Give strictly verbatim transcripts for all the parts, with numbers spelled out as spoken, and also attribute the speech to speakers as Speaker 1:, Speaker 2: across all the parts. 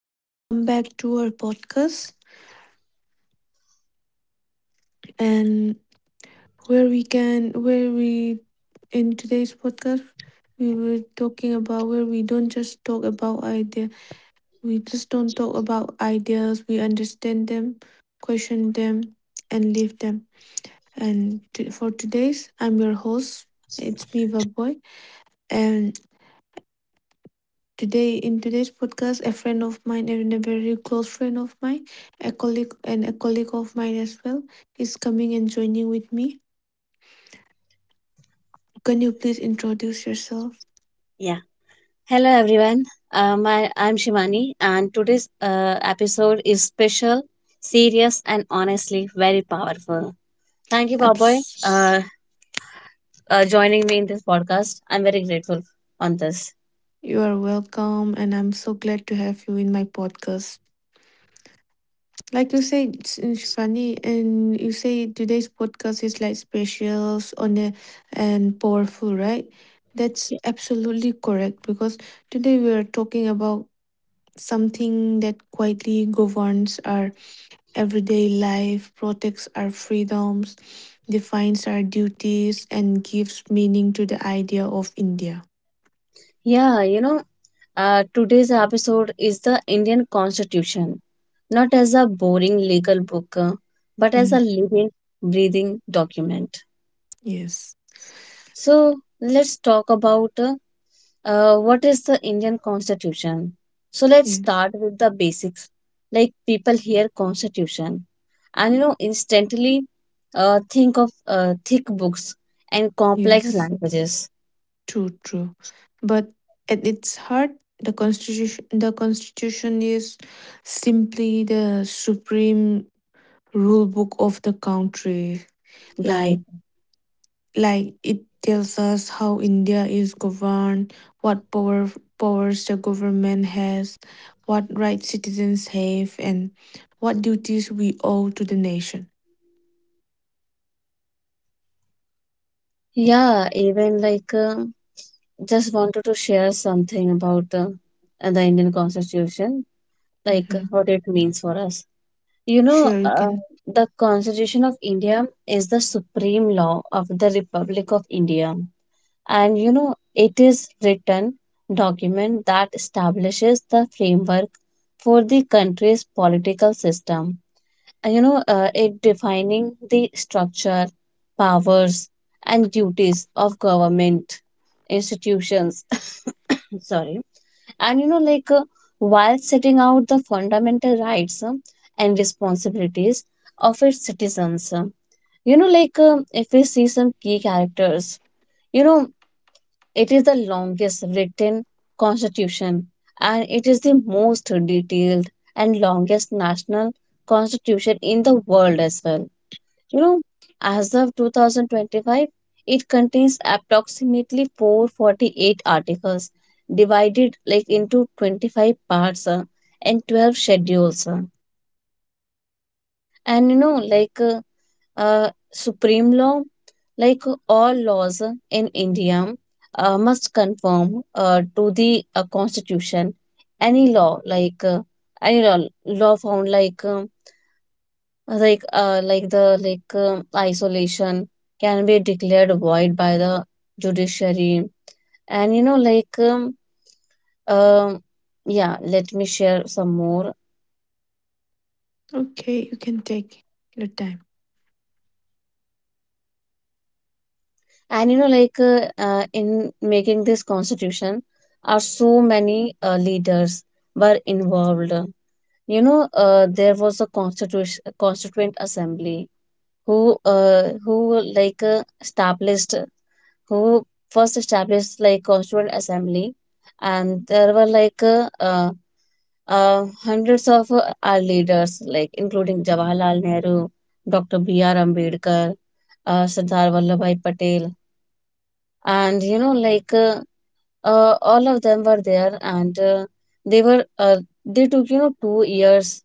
Speaker 1: and welcome back to our podcast. And where we can, where we In today's podcast, we were talking about where we don't just talk about idea, we just don't talk about ideas. We understand them, question them, and live them. And to, for today's, I'm your host. It's me, Boy, and today, in today's podcast, a friend of mine and a very close friend of mine, a colleague and a colleague of mine as well, is coming and joining with me. Can you please introduce yourself?
Speaker 2: Yeah. Hello, everyone. Uh, my, I'm Shivani, and today's uh, episode is special, serious, and honestly very powerful. Thank you, Baboy,
Speaker 1: Abs,
Speaker 2: uh, uh, joining me in this podcast. I'm very grateful on this.
Speaker 1: you are welcome, and I'm so glad to have you in my podcast. Like you said, it's it's Shivani, and you say today's podcast is like special, on a, and powerful, right? That's absolutely correct because today we are talking about something that quietly governs our everyday life, protects our freedoms, defines our duties, and gives meaning to the idea of India.
Speaker 2: Yeah, you know, uh, today's episode is the Indian Constitution, not as a boring legal book, uh, but as a
Speaker 1: Mm,
Speaker 2: living, breathing document.
Speaker 1: yes,
Speaker 2: So let's talk about uh, Uh, what is the Indian constitution? So let's
Speaker 1: yes,
Speaker 2: start with the basics. Like, people hear constitution and you know instantly uh, think of uh, thick books and complex
Speaker 1: yes,
Speaker 2: languages.
Speaker 1: true, true. But at its heart, the constitution the constitution is simply the supreme rule book of the country. like
Speaker 2: Right.
Speaker 1: Like it tells us how India is governed, what power powers the government has, what rights citizens have, and what duties we owe to the nation.
Speaker 2: Yeah, even like, uh, just wanted to share something about uh, the Indian constitution, like uh,
Speaker 1: Hmm.
Speaker 2: what it means for us. You know,
Speaker 1: Sure, you
Speaker 2: uh,
Speaker 1: can.
Speaker 2: the Constitution of India is the supreme law of the Republic of India, and you know it is written document that establishes the framework for the country's political system. Uh, you know uh, it defining the structure, powers, and duties of government institutions. Sorry, and you know like uh, while setting out the fundamental rights um, and responsibilities of its citizens. Um, you know like um, if we see some key characters, you know it is the longest written constitution, and it is the most detailed and longest national constitution in the world as well. You know, as of two thousand twenty-five, it contains approximately four hundred forty-eight articles divided, like, into twenty-five parts, uh, and twelve schedules. uh. And you know, like uh, uh, supreme law, like all laws in India, uh, must conform uh, to the uh, constitution. Any law, like uh, any law, law found like um, like uh, like the like um, isolation can be declared void by the judiciary. And you know, like um, um, yeah, let me share some more.
Speaker 1: Okay, you can take your time.
Speaker 2: And you know like uh, uh, in making this constitution are so many uh, leaders were involved. You know uh, there was a constitution constituent assembly who uh, who like uh, established who first established, like, constituent assembly. And there were, like, uh, uh, uh, hundreds of uh, our leaders, like including Jawaharlal Nehru, Dr. B R Ambedkar, uh, Sardar Vallabhbhai Patel, and you know like uh, uh, all of them were there. And uh, they were uh, they took, you know two years,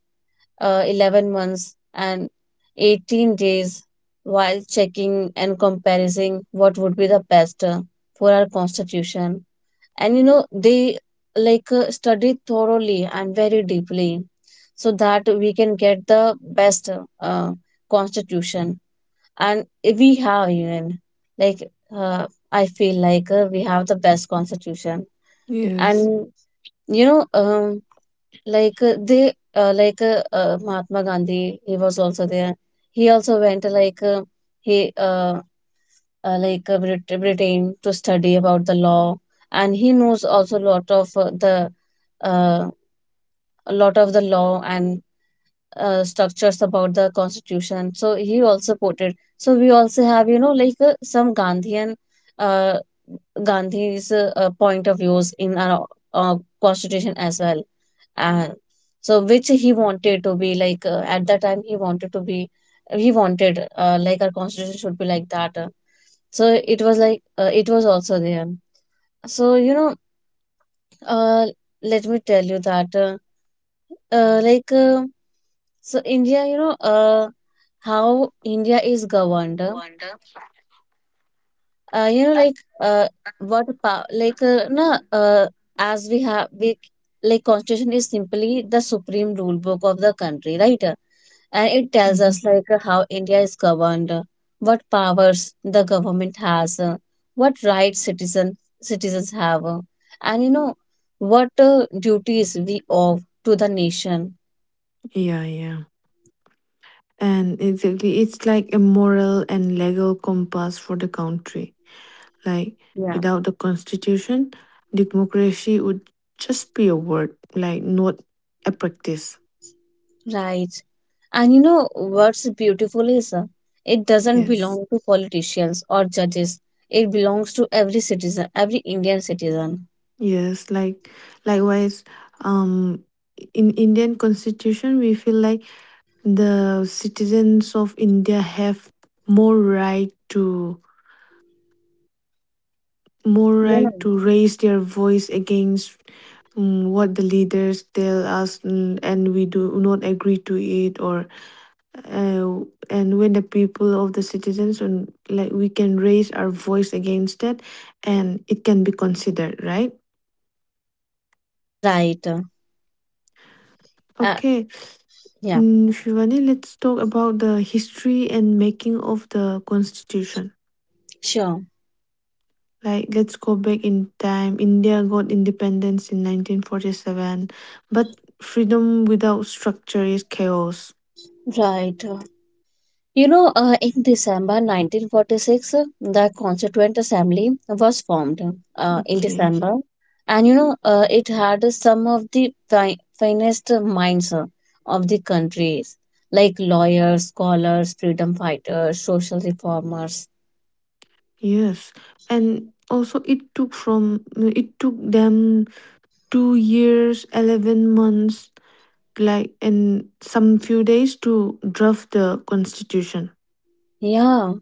Speaker 2: uh, eleven months, and eighteen days, while checking and comparing what would be the best uh, for our constitution. And you know they, like uh, studied thoroughly and very deeply, so that we can get the best uh, constitution. And we have even like uh, I feel like uh, we have the best constitution.
Speaker 1: Yes.
Speaker 2: And you know um like uh, they uh, like uh, uh, Mahatma Gandhi, he was also there. He also went, uh, like uh, he uh, uh, like uh, Brit- britain, to study about the law. And he knows also a lot of, uh, the uh, a lot of the law and uh, structures about the constitution. So he also put it, so we also have, you know like uh, some gandhian uh, Gandhi's uh, uh, point of views in our uh, constitution as well. And so, which he wanted to be, like, uh, at that time he wanted to be, he wanted uh, like our constitution should be like that, uh, so it was like uh, it was also there. So you know uh, let me tell you that, uh, uh, like uh, so India, you know uh, how India is governed, uh, uh, you know like uh, what power, like uh, na uh, as we have we like, constitution is simply the supreme rule book of the country, right? And it tells us,
Speaker 1: Hmm.
Speaker 2: like uh, how India is governed, uh, what powers the government has, uh, what rights citizen citizens have, uh, and you know what uh, duties we owe to the nation.
Speaker 1: Yeah, yeah. And exactly, it's like a moral and legal compass for the country. Like
Speaker 2: Yeah.
Speaker 1: without the constitution, democracy would just be a word, like not a practice.
Speaker 2: Right. And you know what's beautiful is, uh, it doesn't
Speaker 1: Yes.
Speaker 2: belong to politicians or judges. It belongs to every citizen, every Indian citizen.
Speaker 1: Yes, like likewise, um in Indian constitution we feel like the citizens of India have more right to more right
Speaker 2: Yeah.
Speaker 1: to raise their voice against, mm, what the leaders tell us, mm, and we do not agree to it. Or uh, and when the people of the citizens, and like, we can raise our voice against it, and it can be considered right.
Speaker 2: Right. Uh, uh,
Speaker 1: Okay.
Speaker 2: yeah,
Speaker 1: Mm, Shivani, let's talk about the history and making of the constitution.
Speaker 2: sure.
Speaker 1: Like, let's go back in time. India got independence in nineteen forty-seven, but freedom without structure is chaos.
Speaker 2: Right. Uh, You know, uh, in December nineteen forty-six, uh, the Constituent Assembly was formed, uh, in
Speaker 1: Okay,
Speaker 2: December, and you know, uh, it had some of the fi- finest minds uh, of the countries, like lawyers, scholars, freedom fighters, social reformers.
Speaker 1: yes. And also, it took from it took them two years, eleven months, like in some few days to draft the constitution.
Speaker 2: Yeah,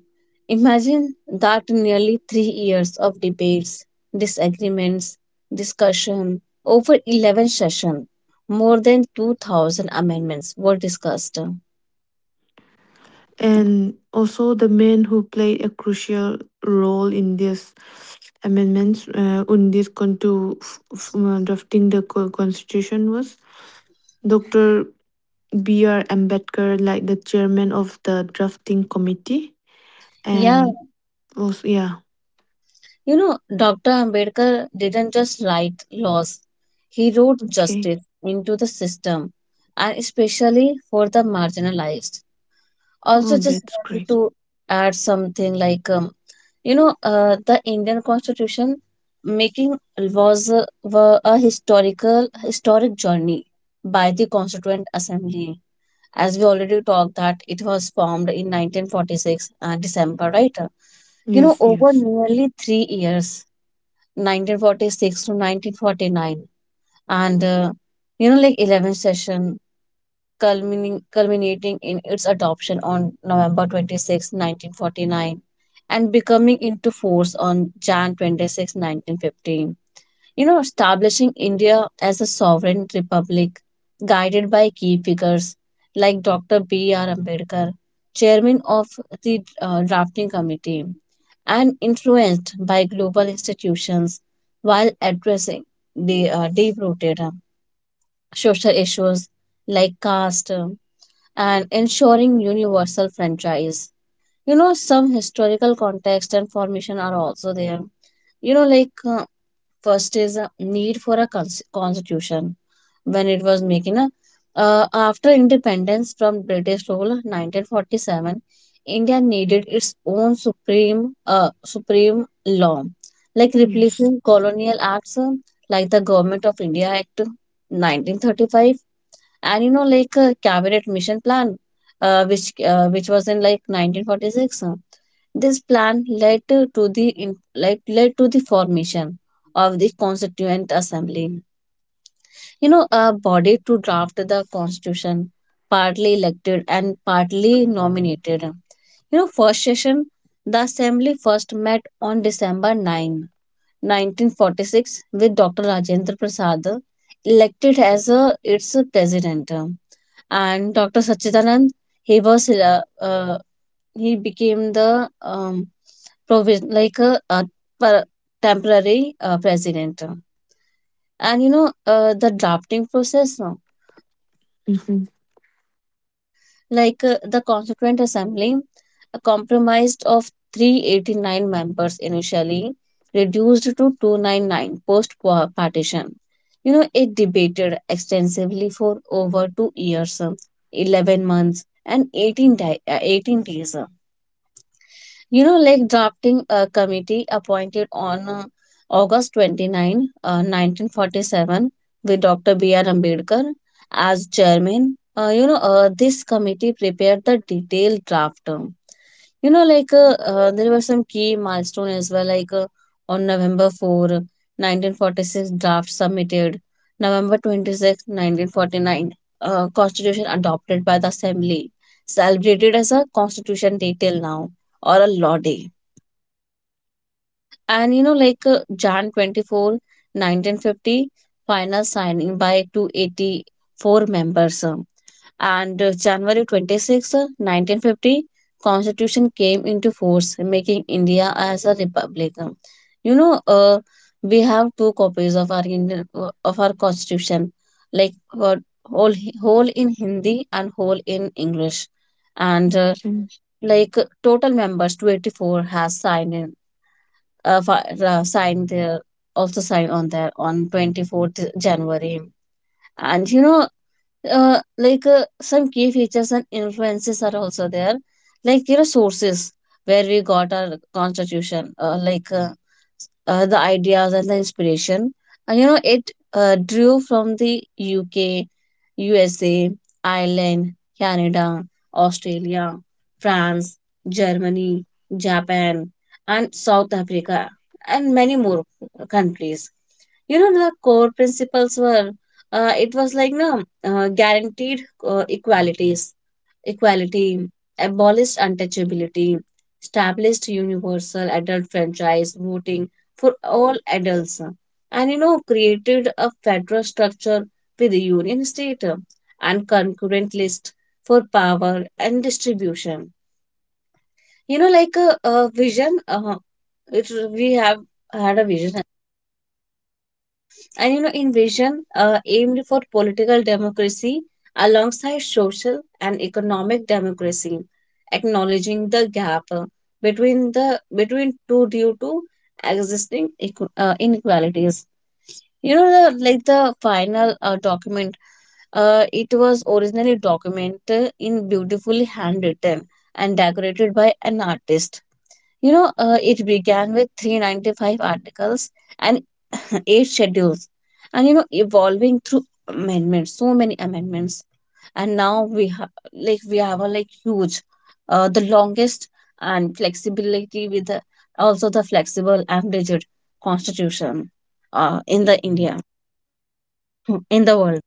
Speaker 2: imagine that, nearly three years of debates, disagreements, discussion, over eleven sessions, more than two thousand amendments were discussed.
Speaker 1: And also the men who played a crucial role in these amendments, uh, in this conto f- f- uh, drafting the co- constitution was doctor B R. Ambedkar, like the chairman of the drafting committee.
Speaker 2: Yeah,
Speaker 1: And also, yeah,
Speaker 2: You know, doctor Ambedkar didn't just write laws, he wrote
Speaker 1: okay.
Speaker 2: justice into the system, and especially for the marginalized.
Speaker 1: Oh,
Speaker 2: Also, just
Speaker 1: that's
Speaker 2: wanted
Speaker 1: great.
Speaker 2: to add something, like, um, you know, uh, the Indian Constitution making was a, were a historical historic journey by the Constituent Assembly. As we already talked, that it was formed in nineteen forty-six, uh, December, right? You know
Speaker 1: Yes,
Speaker 2: over
Speaker 1: yes,
Speaker 2: nearly three years, nineteen forty-six to nineteen forty-nine, and uh, you know like eleventh session, culminating culminating in its adoption on November twenty-sixth, nineteen forty-nine, and becoming into force on January twenty-sixth, nineteen fifteen, you know establishing India as a sovereign republic, guided by key figures like doctor B R Ambedkar, chairman of the uh, drafting committee, and influenced by global institutions, while addressing the uh, deep rooted social issues like caste, uh, and ensuring universal franchise. You know, some historical context and formation are also there. You know, like uh, First is a need for a cons- constitution. When it was making a uh, after independence from British rule, nineteen forty-seven, India needed its own supreme, uh, supreme law, like
Speaker 1: yes.
Speaker 2: replacing colonial acts, uh, like the Government of India Act, nineteen thirty-five, and you know like a cabinet mission plan, uh, which uh, which was in, like, nineteen forty-six. Uh, this plan led to to the in- like led to the formation of the Constituent Assembly, you know a body to draft the constitution, partly elected and partly nominated. You know first session, the assembly first met on December ninth, nineteen forty-six, with Dr. Rajendra Prasad elected as, a, its president. And doctor Sachidanand, he was uh, uh, he became the um, provis- like a, a per- temporary uh, president. And you know uh, the drafting process, no?
Speaker 1: Mm-hmm.
Speaker 2: Like, uh, the Constituent Assembly uh, comprised of three hundred eighty-nine members initially, reduced to two hundred ninety-nine post partition. You know it debated extensively for over two years, um, eleven months, and eighteen di- uh, eighteen days. You know, like drafting a committee appointed on, uh, August 29, uh, nineteen forty-seven, with doctor B R. Ambedkar as chairman. Uh, you know, uh, this committee prepared the detailed draft. Um, you know like uh, uh, there were some key milestone as well, like uh, on November fourth, nineteen forty-six, draft submitted. November twenty sixth, nineteen forty-nine, uh, constitution adopted by the assembly, celebrated as a Constitution Day till now, or a Law Day. And you know, like uh, January twenty-fourth, nineteen fifty, final signing by two hundred eighty-four members. um, And uh, January twenty-sixth, nineteen fifty, constitution came into force, making India as a republic. Um, You know, uh, we have two copies of our Indian, uh, of our Constitution, like uh, whole whole in Hindi, and whole in English, and uh, like uh, total members two hundred eighty-four has signed, in uh, fi- uh, sign there of the sign on there on twenty-fourth January. And you know, uh, like uh, some key features and influences are also there, like, you know sources where we got our constitution, uh, like uh, uh, the ideas and the inspiration. And you know it uh, drew from the U K, U S A, Ireland, Canada, Australia, France, Germany, Japan, and South Africa, and many more countries. You know the core principles were, uh, it was like, no, uh, guaranteed, uh, equalities, equality, abolished untouchability, established universal adult franchise, voting for all adults, uh, and you know created a federal structure with a union state, uh, and concurrent list for power and distribution. You know, like a, a vision, uh, it, we have had a vision. And you know in vision, uh, aimed for political democracy alongside social and economic democracy, acknowledging the gap, uh, between the between two, due to existing, equ- uh, inequalities. You know the, like the final uh, document, uh, it was originally documented, in beautifully handwritten and decorated by an artist. You know uh, it began with three hundred ninety-five articles and eight schedules, and you know evolving through amendments, so many amendments, and now we have, like we have a like huge, uh, the longest, and flexibility with the, also the flexible and rigid constitution, uh, in the India, in the world.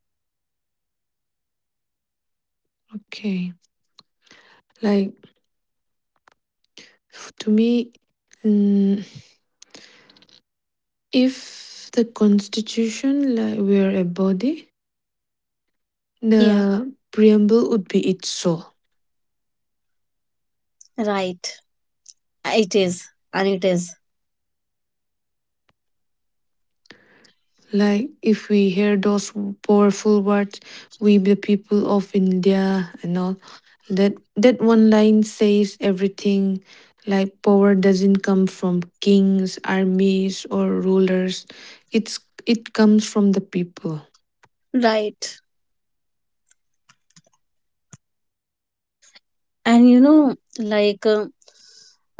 Speaker 1: Okay. Like, f- to me, mm, if the constitution like were a body,
Speaker 2: Yeah.
Speaker 1: the preamble would be its soul.
Speaker 2: Right. It is, and it is.
Speaker 1: Like if we hear those powerful words, we the people of India and all, that that one line says everything. Like power doesn't come from kings, armies or rulers. It's it comes from the people.
Speaker 2: Right. And you know like um,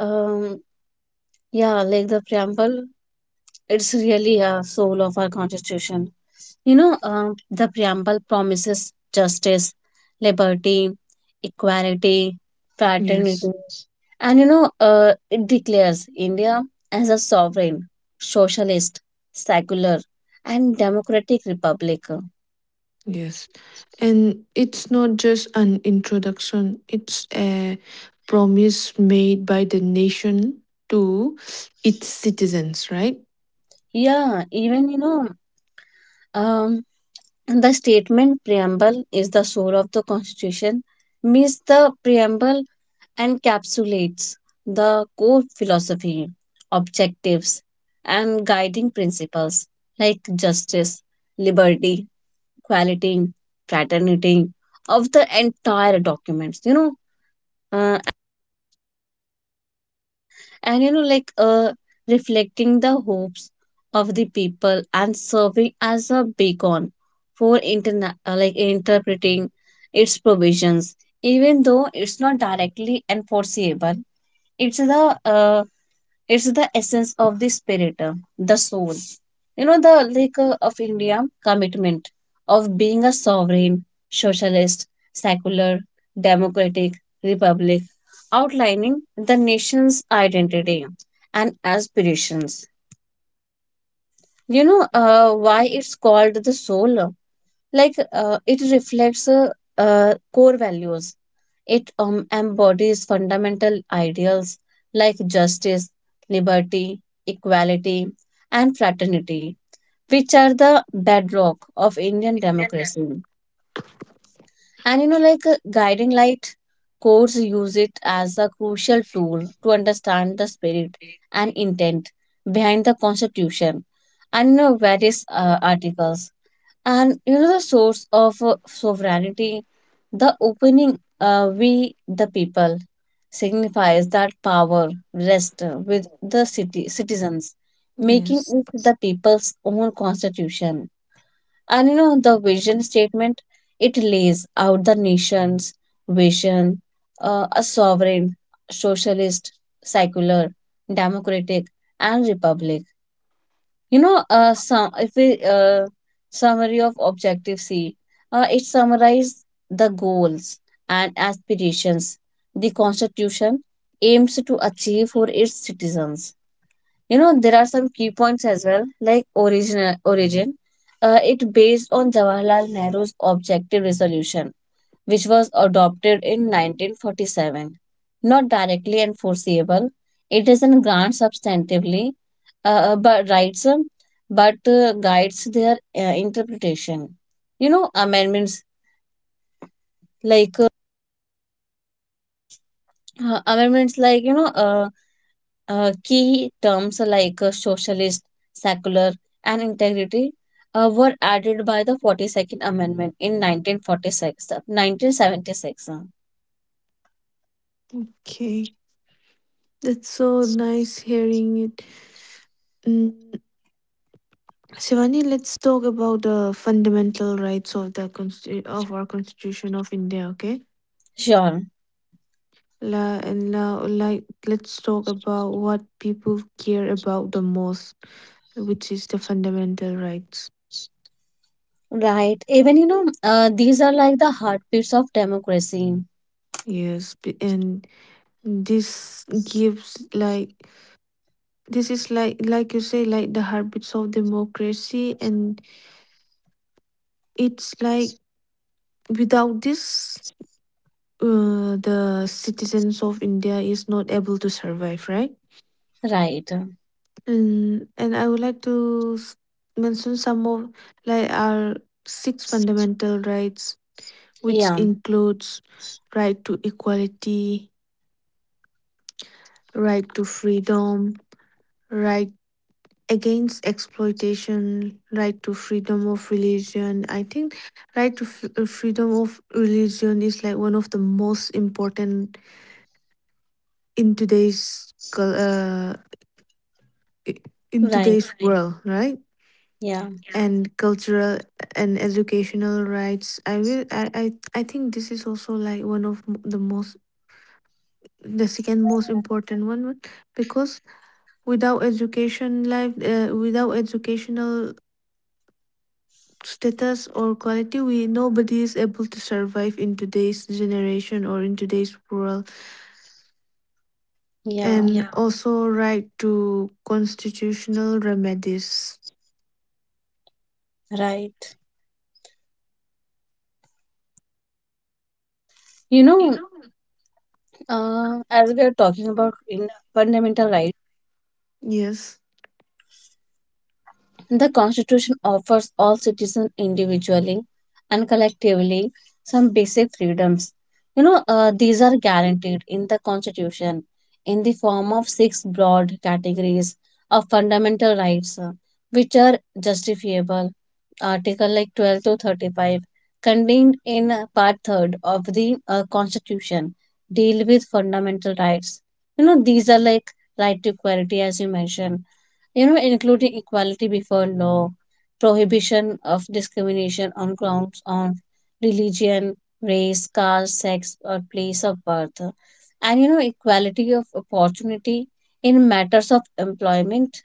Speaker 2: um yeah, like the preamble, it's really a soul of our constitution. You know, um, the preamble promises justice, liberty, equality, fraternity,
Speaker 1: Yes.
Speaker 2: and you know, uh, it declares India as a sovereign, socialist, secular, and democratic republic.
Speaker 1: Yes. And it's not just an introduction, it's a promise made by the nation to its citizens, right?
Speaker 2: Yeah, even you know, um, the statement preamble is the soul of the constitution, means the preamble encapsulates the core philosophy, objectives, and guiding principles like justice, liberty, equality, fraternity of the entire documents, you know, uh, and you know, like uh, reflecting the hopes of the people and serving as a beacon for interna- uh, like interpreting its provisions, even though it's not directly enforceable. It's the uh, it's the essence of the spirit, uh, the soul, you know the like uh, of India, commitment of being a sovereign, socialist, secular, democratic republic, outlining the nation's identity and aspirations. You know uh, why it's called the soul? like uh, it reflects uh, uh, core values. It um, embodies fundamental ideals like justice, liberty, equality, and fraternity, which are the bedrock of Indian democracy. And you know, like uh, Guiding light, courts use it as a crucial tool to understand the spirit and intent behind the Constitution and you know, various uh, articles. And you know the source of uh, sovereignty, the opening, uh, we the people, signifies that power rests with the city citizens, making
Speaker 1: Yes.
Speaker 2: it the people's own constitution. And you know the vision statement, it lays out the nation's vision, uh, a sovereign, socialist, secular, democratic, and republic. You know, uh, some, if we uh, Summary of Objective C, uh, it summarizes the goals and aspirations the Constitution aims to achieve for its citizens. You know, there are some key points as well, like origin. origin. Uh, it based on Jawaharlal Nehru's objective resolution which was adopted in nineteen forty-seven. Not directly enforceable, it doesn't grant substantively uh, uh, but rights, um, but uh, guides their uh, interpretation. You know, amendments like uh, uh, amendments, like you know uh, uh, key terms like uh, socialist, secular, and integrity uh, were added by the forty-second Amendment in nineteen forty-six, nineteen seventy-six.
Speaker 1: Okay. That's so nice hearing it. Mm, Shivani, let's talk about the fundamental rights of the consti- of our Constitution of India, okay?
Speaker 2: Sure.
Speaker 1: La, and la. Like, let's talk about what people care about the most, which is the fundamental rights.
Speaker 2: Right. Even, you know, uh, these are like the heartbeats of democracy.
Speaker 1: Yes, b- and this gives like, this is like like you say, like the heartbeats of democracy, and it's like, without this, uh, the citizens of India is not able to survive, right?
Speaker 2: Right.
Speaker 1: And and I would like to s- mention some of like our six fundamental rights, which
Speaker 2: Yeah.
Speaker 1: includes right to equality, right to freedom, right against exploitation, right to freedom of religion. I think right to f- uh, freedom of religion is like one of the most important in today's cul- uh, i- in
Speaker 2: Right.
Speaker 1: today's Right. world, right?
Speaker 2: Yeah.
Speaker 1: Yeah. And cultural and educational rights, i will I, I, I think this is also like one of m- the most, the second most important one, because without education life uh, without educational status or quality, we, nobody is able to survive in today's generation or in today's world. And
Speaker 2: Yeah.
Speaker 1: yeah, also right to constitutional remedies.
Speaker 2: Right. You know, uh, as we are talking about in fundamental rights,
Speaker 1: Yes,
Speaker 2: the Constitution offers all citizens individually and collectively some basic freedoms. You know, uh, these are guaranteed in the Constitution in the form of six broad categories of fundamental rights, uh, which are justifiable. Article like twelve to thirty-five, contained in uh, Part third of the uh, Constitution, deal with fundamental rights. You know, these are like right to equality, as you mentioned, you know, including equality before law, prohibition of discrimination on grounds on religion, race, caste, sex, or place of birth, and you know, equality of opportunity in matters of employment.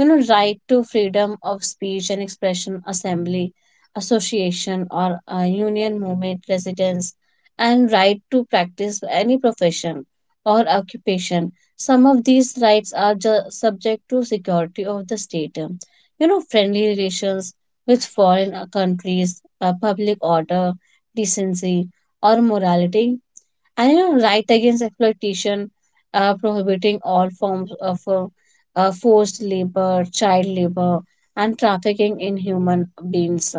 Speaker 2: you know Right to freedom of speech and expression, assembly, association, or a union, movement, residence, and right to practice any profession or occupation. Some of these rights are ju- subject to security of the state, you know friendly relations with foreign uh, countries, uh, public order, decency, or morality. And you know right against exploitation, uh, prohibiting all forms of uh, uh, forced labor, child labor, and trafficking in human beings.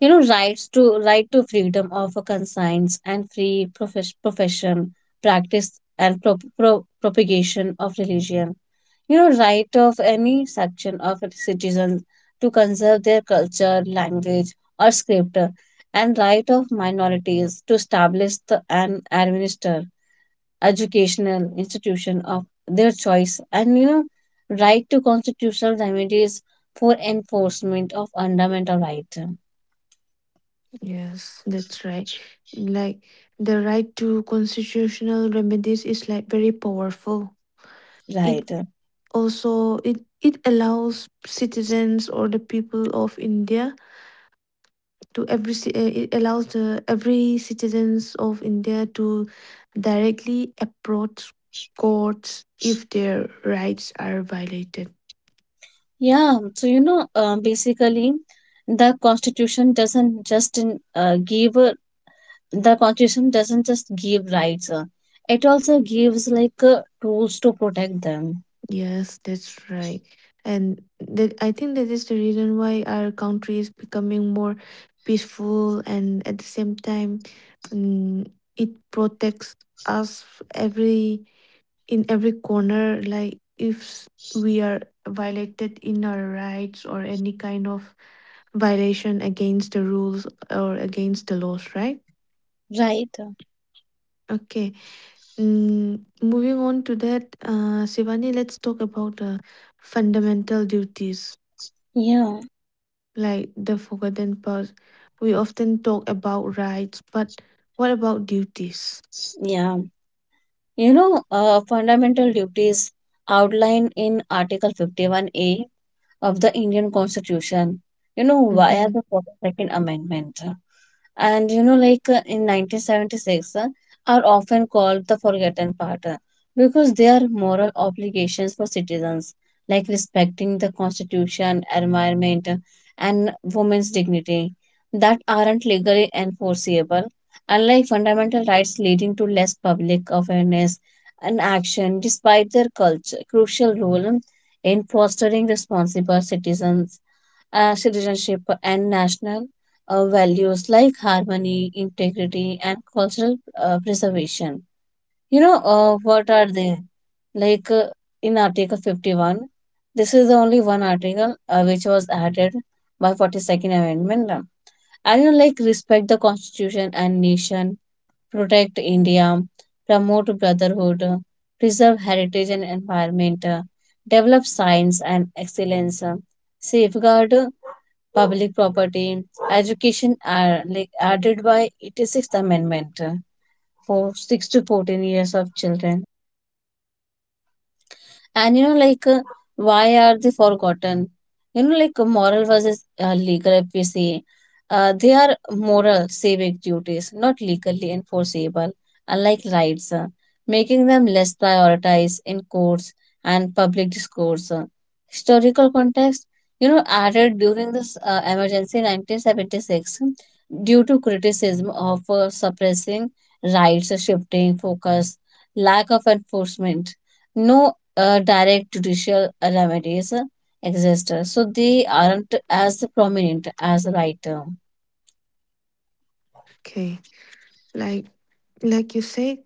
Speaker 2: you know rights to Right to freedom of a conscience and free profes- profession, practice and pro- pro- propagation of religion. You know right of any section of its citizens to conserve their culture, language, or script, and right of minorities to establish the, and administer educational institution of their choice. And you know right to constitutional remedies for enforcement of fundamental right.
Speaker 1: yes, that's right. Like the right to constitutional remedies is like very powerful. it
Speaker 2: Right.
Speaker 1: also it it allows citizens, or the people of India, to every ci- uh, it allows the every citizens of India to directly approach courts if their rights are violated.
Speaker 2: Yeah so you know uh, basically, the constitution doesn't just in, uh, give uh, the constitution doesn't just give rights, uh, it also gives like uh, tools to protect them.
Speaker 1: Yes, that's right. And that I think that is the reason why our country is becoming more peaceful, and at the same time, mm, it protects us every, in every corner, like if s- we are violated in our rights or any kind of violation against the rules or against the laws, right?
Speaker 2: Right.
Speaker 1: Okay. Mm, moving on to that, uh, Shivani, let's talk about uh, fundamental duties,
Speaker 2: Yeah.
Speaker 1: like the forgotten part. We often talk about rights, but what about duties?
Speaker 2: yeah you know uh, Fundamental duties outlined in article fifty-one A of the Indian Constitution, you know, via the
Speaker 1: Hmm.
Speaker 2: forty-second Amendment and you know like uh, in nineteen seventy-six, uh, are often called the forgotten part, uh, because they are moral obligations for citizens like respecting the constitution, environment, uh, and women's dignity, that aren't legally enforceable, unlike fundamental rights, leading to less public awareness and action, despite their culture, crucial role in fostering responsible citizens uh, citizenship and national uh, values like harmony, integrity, and cultural uh, preservation. You know, uh, what are they? Like uh, in Article fifty-one, this is the only one article uh, which was added by forty-second Amendment. um, And you know, like respect the constitution and nation, protect India, promote brotherhood, uh, preserve heritage and environment, uh, develop science and excellence, uh, safeguard uh, public property, education are like added by eighty-sixth Amendment uh, for six to fourteen years of children. And you know like uh, why are they forgotten? You know like uh, moral versus uh, legal, if we say, uh, they are moral civic duties, not legally enforceable unlike rights, uh, making them less prioritized in courts and public discourse. uh. Historical context, you know added during this uh, emergency nineteen seventy-six, due to criticism of uh, suppressing rights, shifting focus, lack of enforcement, no uh, direct judicial remedies uh, exist. So they aren't as prominent as right. um,
Speaker 1: Okay, like like you said,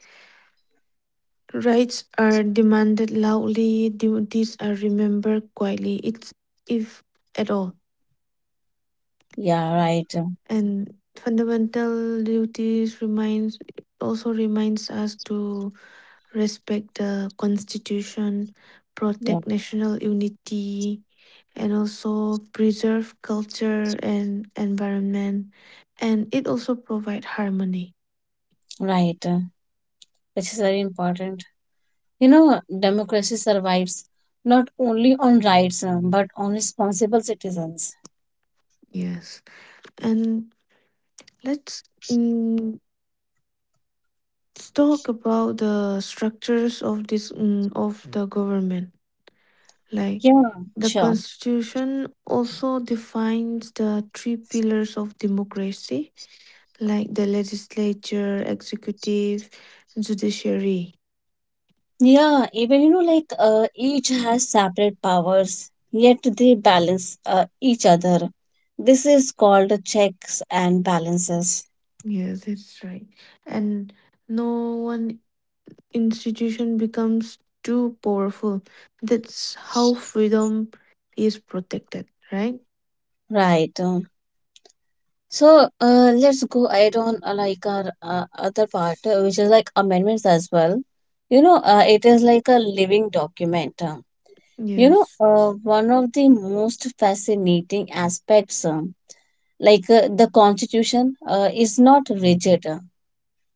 Speaker 1: rights are demanded loudly, duties are remembered quietly. It's, if at all.
Speaker 2: Yeah, right. um,
Speaker 1: And fundamental duties reminds, also reminds us to respect the constitution,
Speaker 2: Yeah,
Speaker 1: protect national unity, and also preserve culture and environment, and it also provide harmony.
Speaker 2: right. uh, Which is very important. You know, democracy survives not only on rights um, but on responsible citizens.
Speaker 1: Yes. And let's mm, talk about the structures of this mm, of the government. Like
Speaker 2: Yeah,
Speaker 1: the
Speaker 2: sure.
Speaker 1: constitution also defines the three pillars of democracy, like the legislature, executive, judiciary.
Speaker 2: Yeah, even you know, like uh, Each has separate powers, yet they balance uh, each other. This is called checks and balances.
Speaker 1: Yes, that's right. And no one institution becomes too powerful. That's how freedom is protected, right?
Speaker 2: Right. So uh, let's go ahead on uh, like our uh, other part, uh, which is like amendments as well. You know, uh, it is like a living document. uh. You know,
Speaker 1: Yes.
Speaker 2: uh, one of the most fascinating aspects, um, like uh, the Constitution, uh, is not rigid, uh,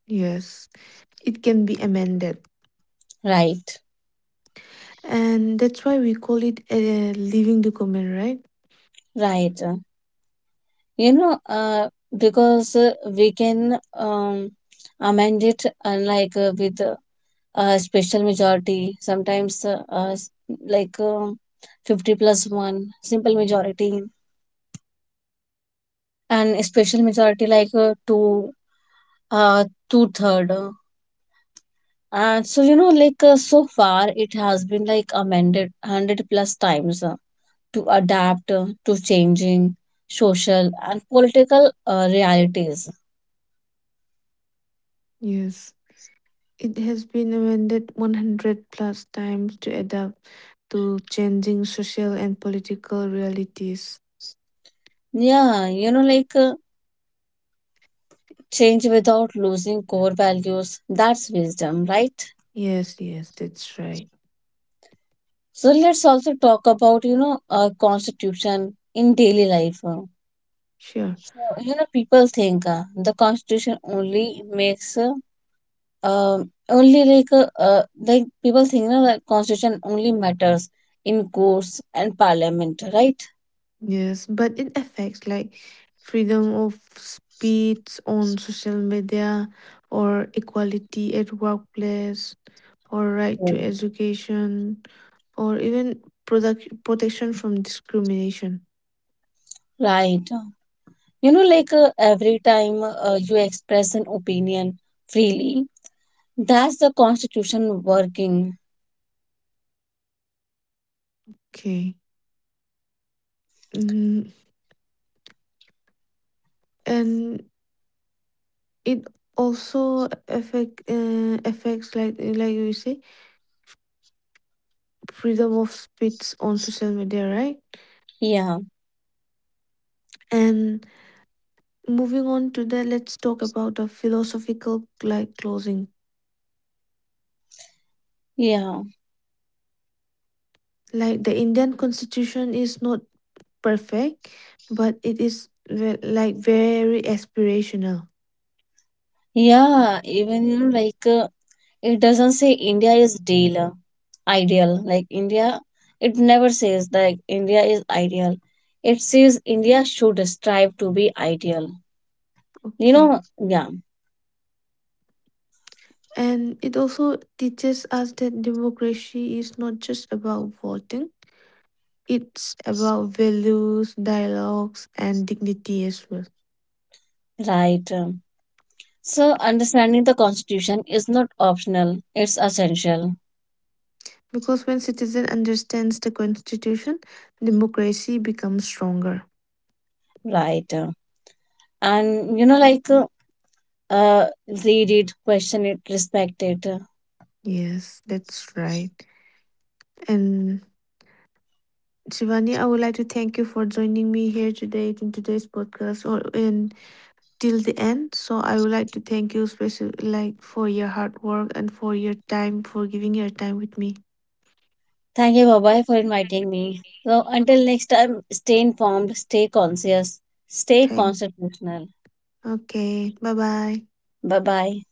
Speaker 1: Yes. It can be amended.
Speaker 2: right?
Speaker 1: And that's why we call it a living document, right?
Speaker 2: Right. uh. You know, uh, because uh, we can um, amend it, uh, like uh, with uh, uh, special majority, sometimes, uh, uh, s- like um fifty plus one, simple majority, and a special majority like, uh, two, uh, two third. And so, you know, like uh, so far it has been like amended one hundred plus times, uh, to adapt uh, to changing social and political uh, realities.
Speaker 1: Yes. It has been amended one hundred plus times to adapt to changing social and political realities.
Speaker 2: Yeah, you know, like uh, Change without losing core values. That's wisdom, right?
Speaker 1: Yes, yes, that's right.
Speaker 2: So let's also talk about, you know, our constitution in daily life. uh.
Speaker 1: Sure.
Speaker 2: So, you know, people think uh, the constitution only makes uh, um only like uh, uh, like people think uh, that constitution only matters in courts and parliament, right?
Speaker 1: Yes, but it affects like freedom of speech on social media, or equality at workplace, or right to
Speaker 2: Mm.
Speaker 1: education, or even product protection from discrimination.
Speaker 2: Right. You know, like uh, every time uh, you express an opinion freely, that's the constitution working.
Speaker 1: Okay. Mhm. And it also affect uh, affects like, uh, like you say, freedom of speech on social media, right?
Speaker 2: Yeah,
Speaker 1: And moving on to that, let's talk about a philosophical like closing.
Speaker 2: yeah,
Speaker 1: Like the Indian constitution is not perfect, but it is ve- like very aspirational.
Speaker 2: yeah. Even you know, like. Uh, It doesn't say India is deal, ideal. Like India, It never says that India is ideal. It says India should strive to be ideal. You
Speaker 1: Okay.
Speaker 2: know, yeah,
Speaker 1: And it also teaches us that democracy is not just about voting, it's about values, dialogues, and dignity as well.
Speaker 2: right. Um, So understanding the constitution is not optional, it's essential,
Speaker 1: Because when citizen understands the constitution, democracy becomes stronger.
Speaker 2: right? Uh, And you know, like uh, uh, read it, question it, respect it. Uh,
Speaker 1: Yes, that's right. And Shivani, I would like to thank you for joining me here today in today's podcast, or in till the end. So I would like to thank you special like for your hard work and for your time, for giving your time with me.
Speaker 2: Thank you, Bye, for inviting me. So until next time, stay informed, stay conscious, stay
Speaker 1: Thank.
Speaker 2: constitutional.
Speaker 1: Okay. Bye bye.
Speaker 2: Bye-bye.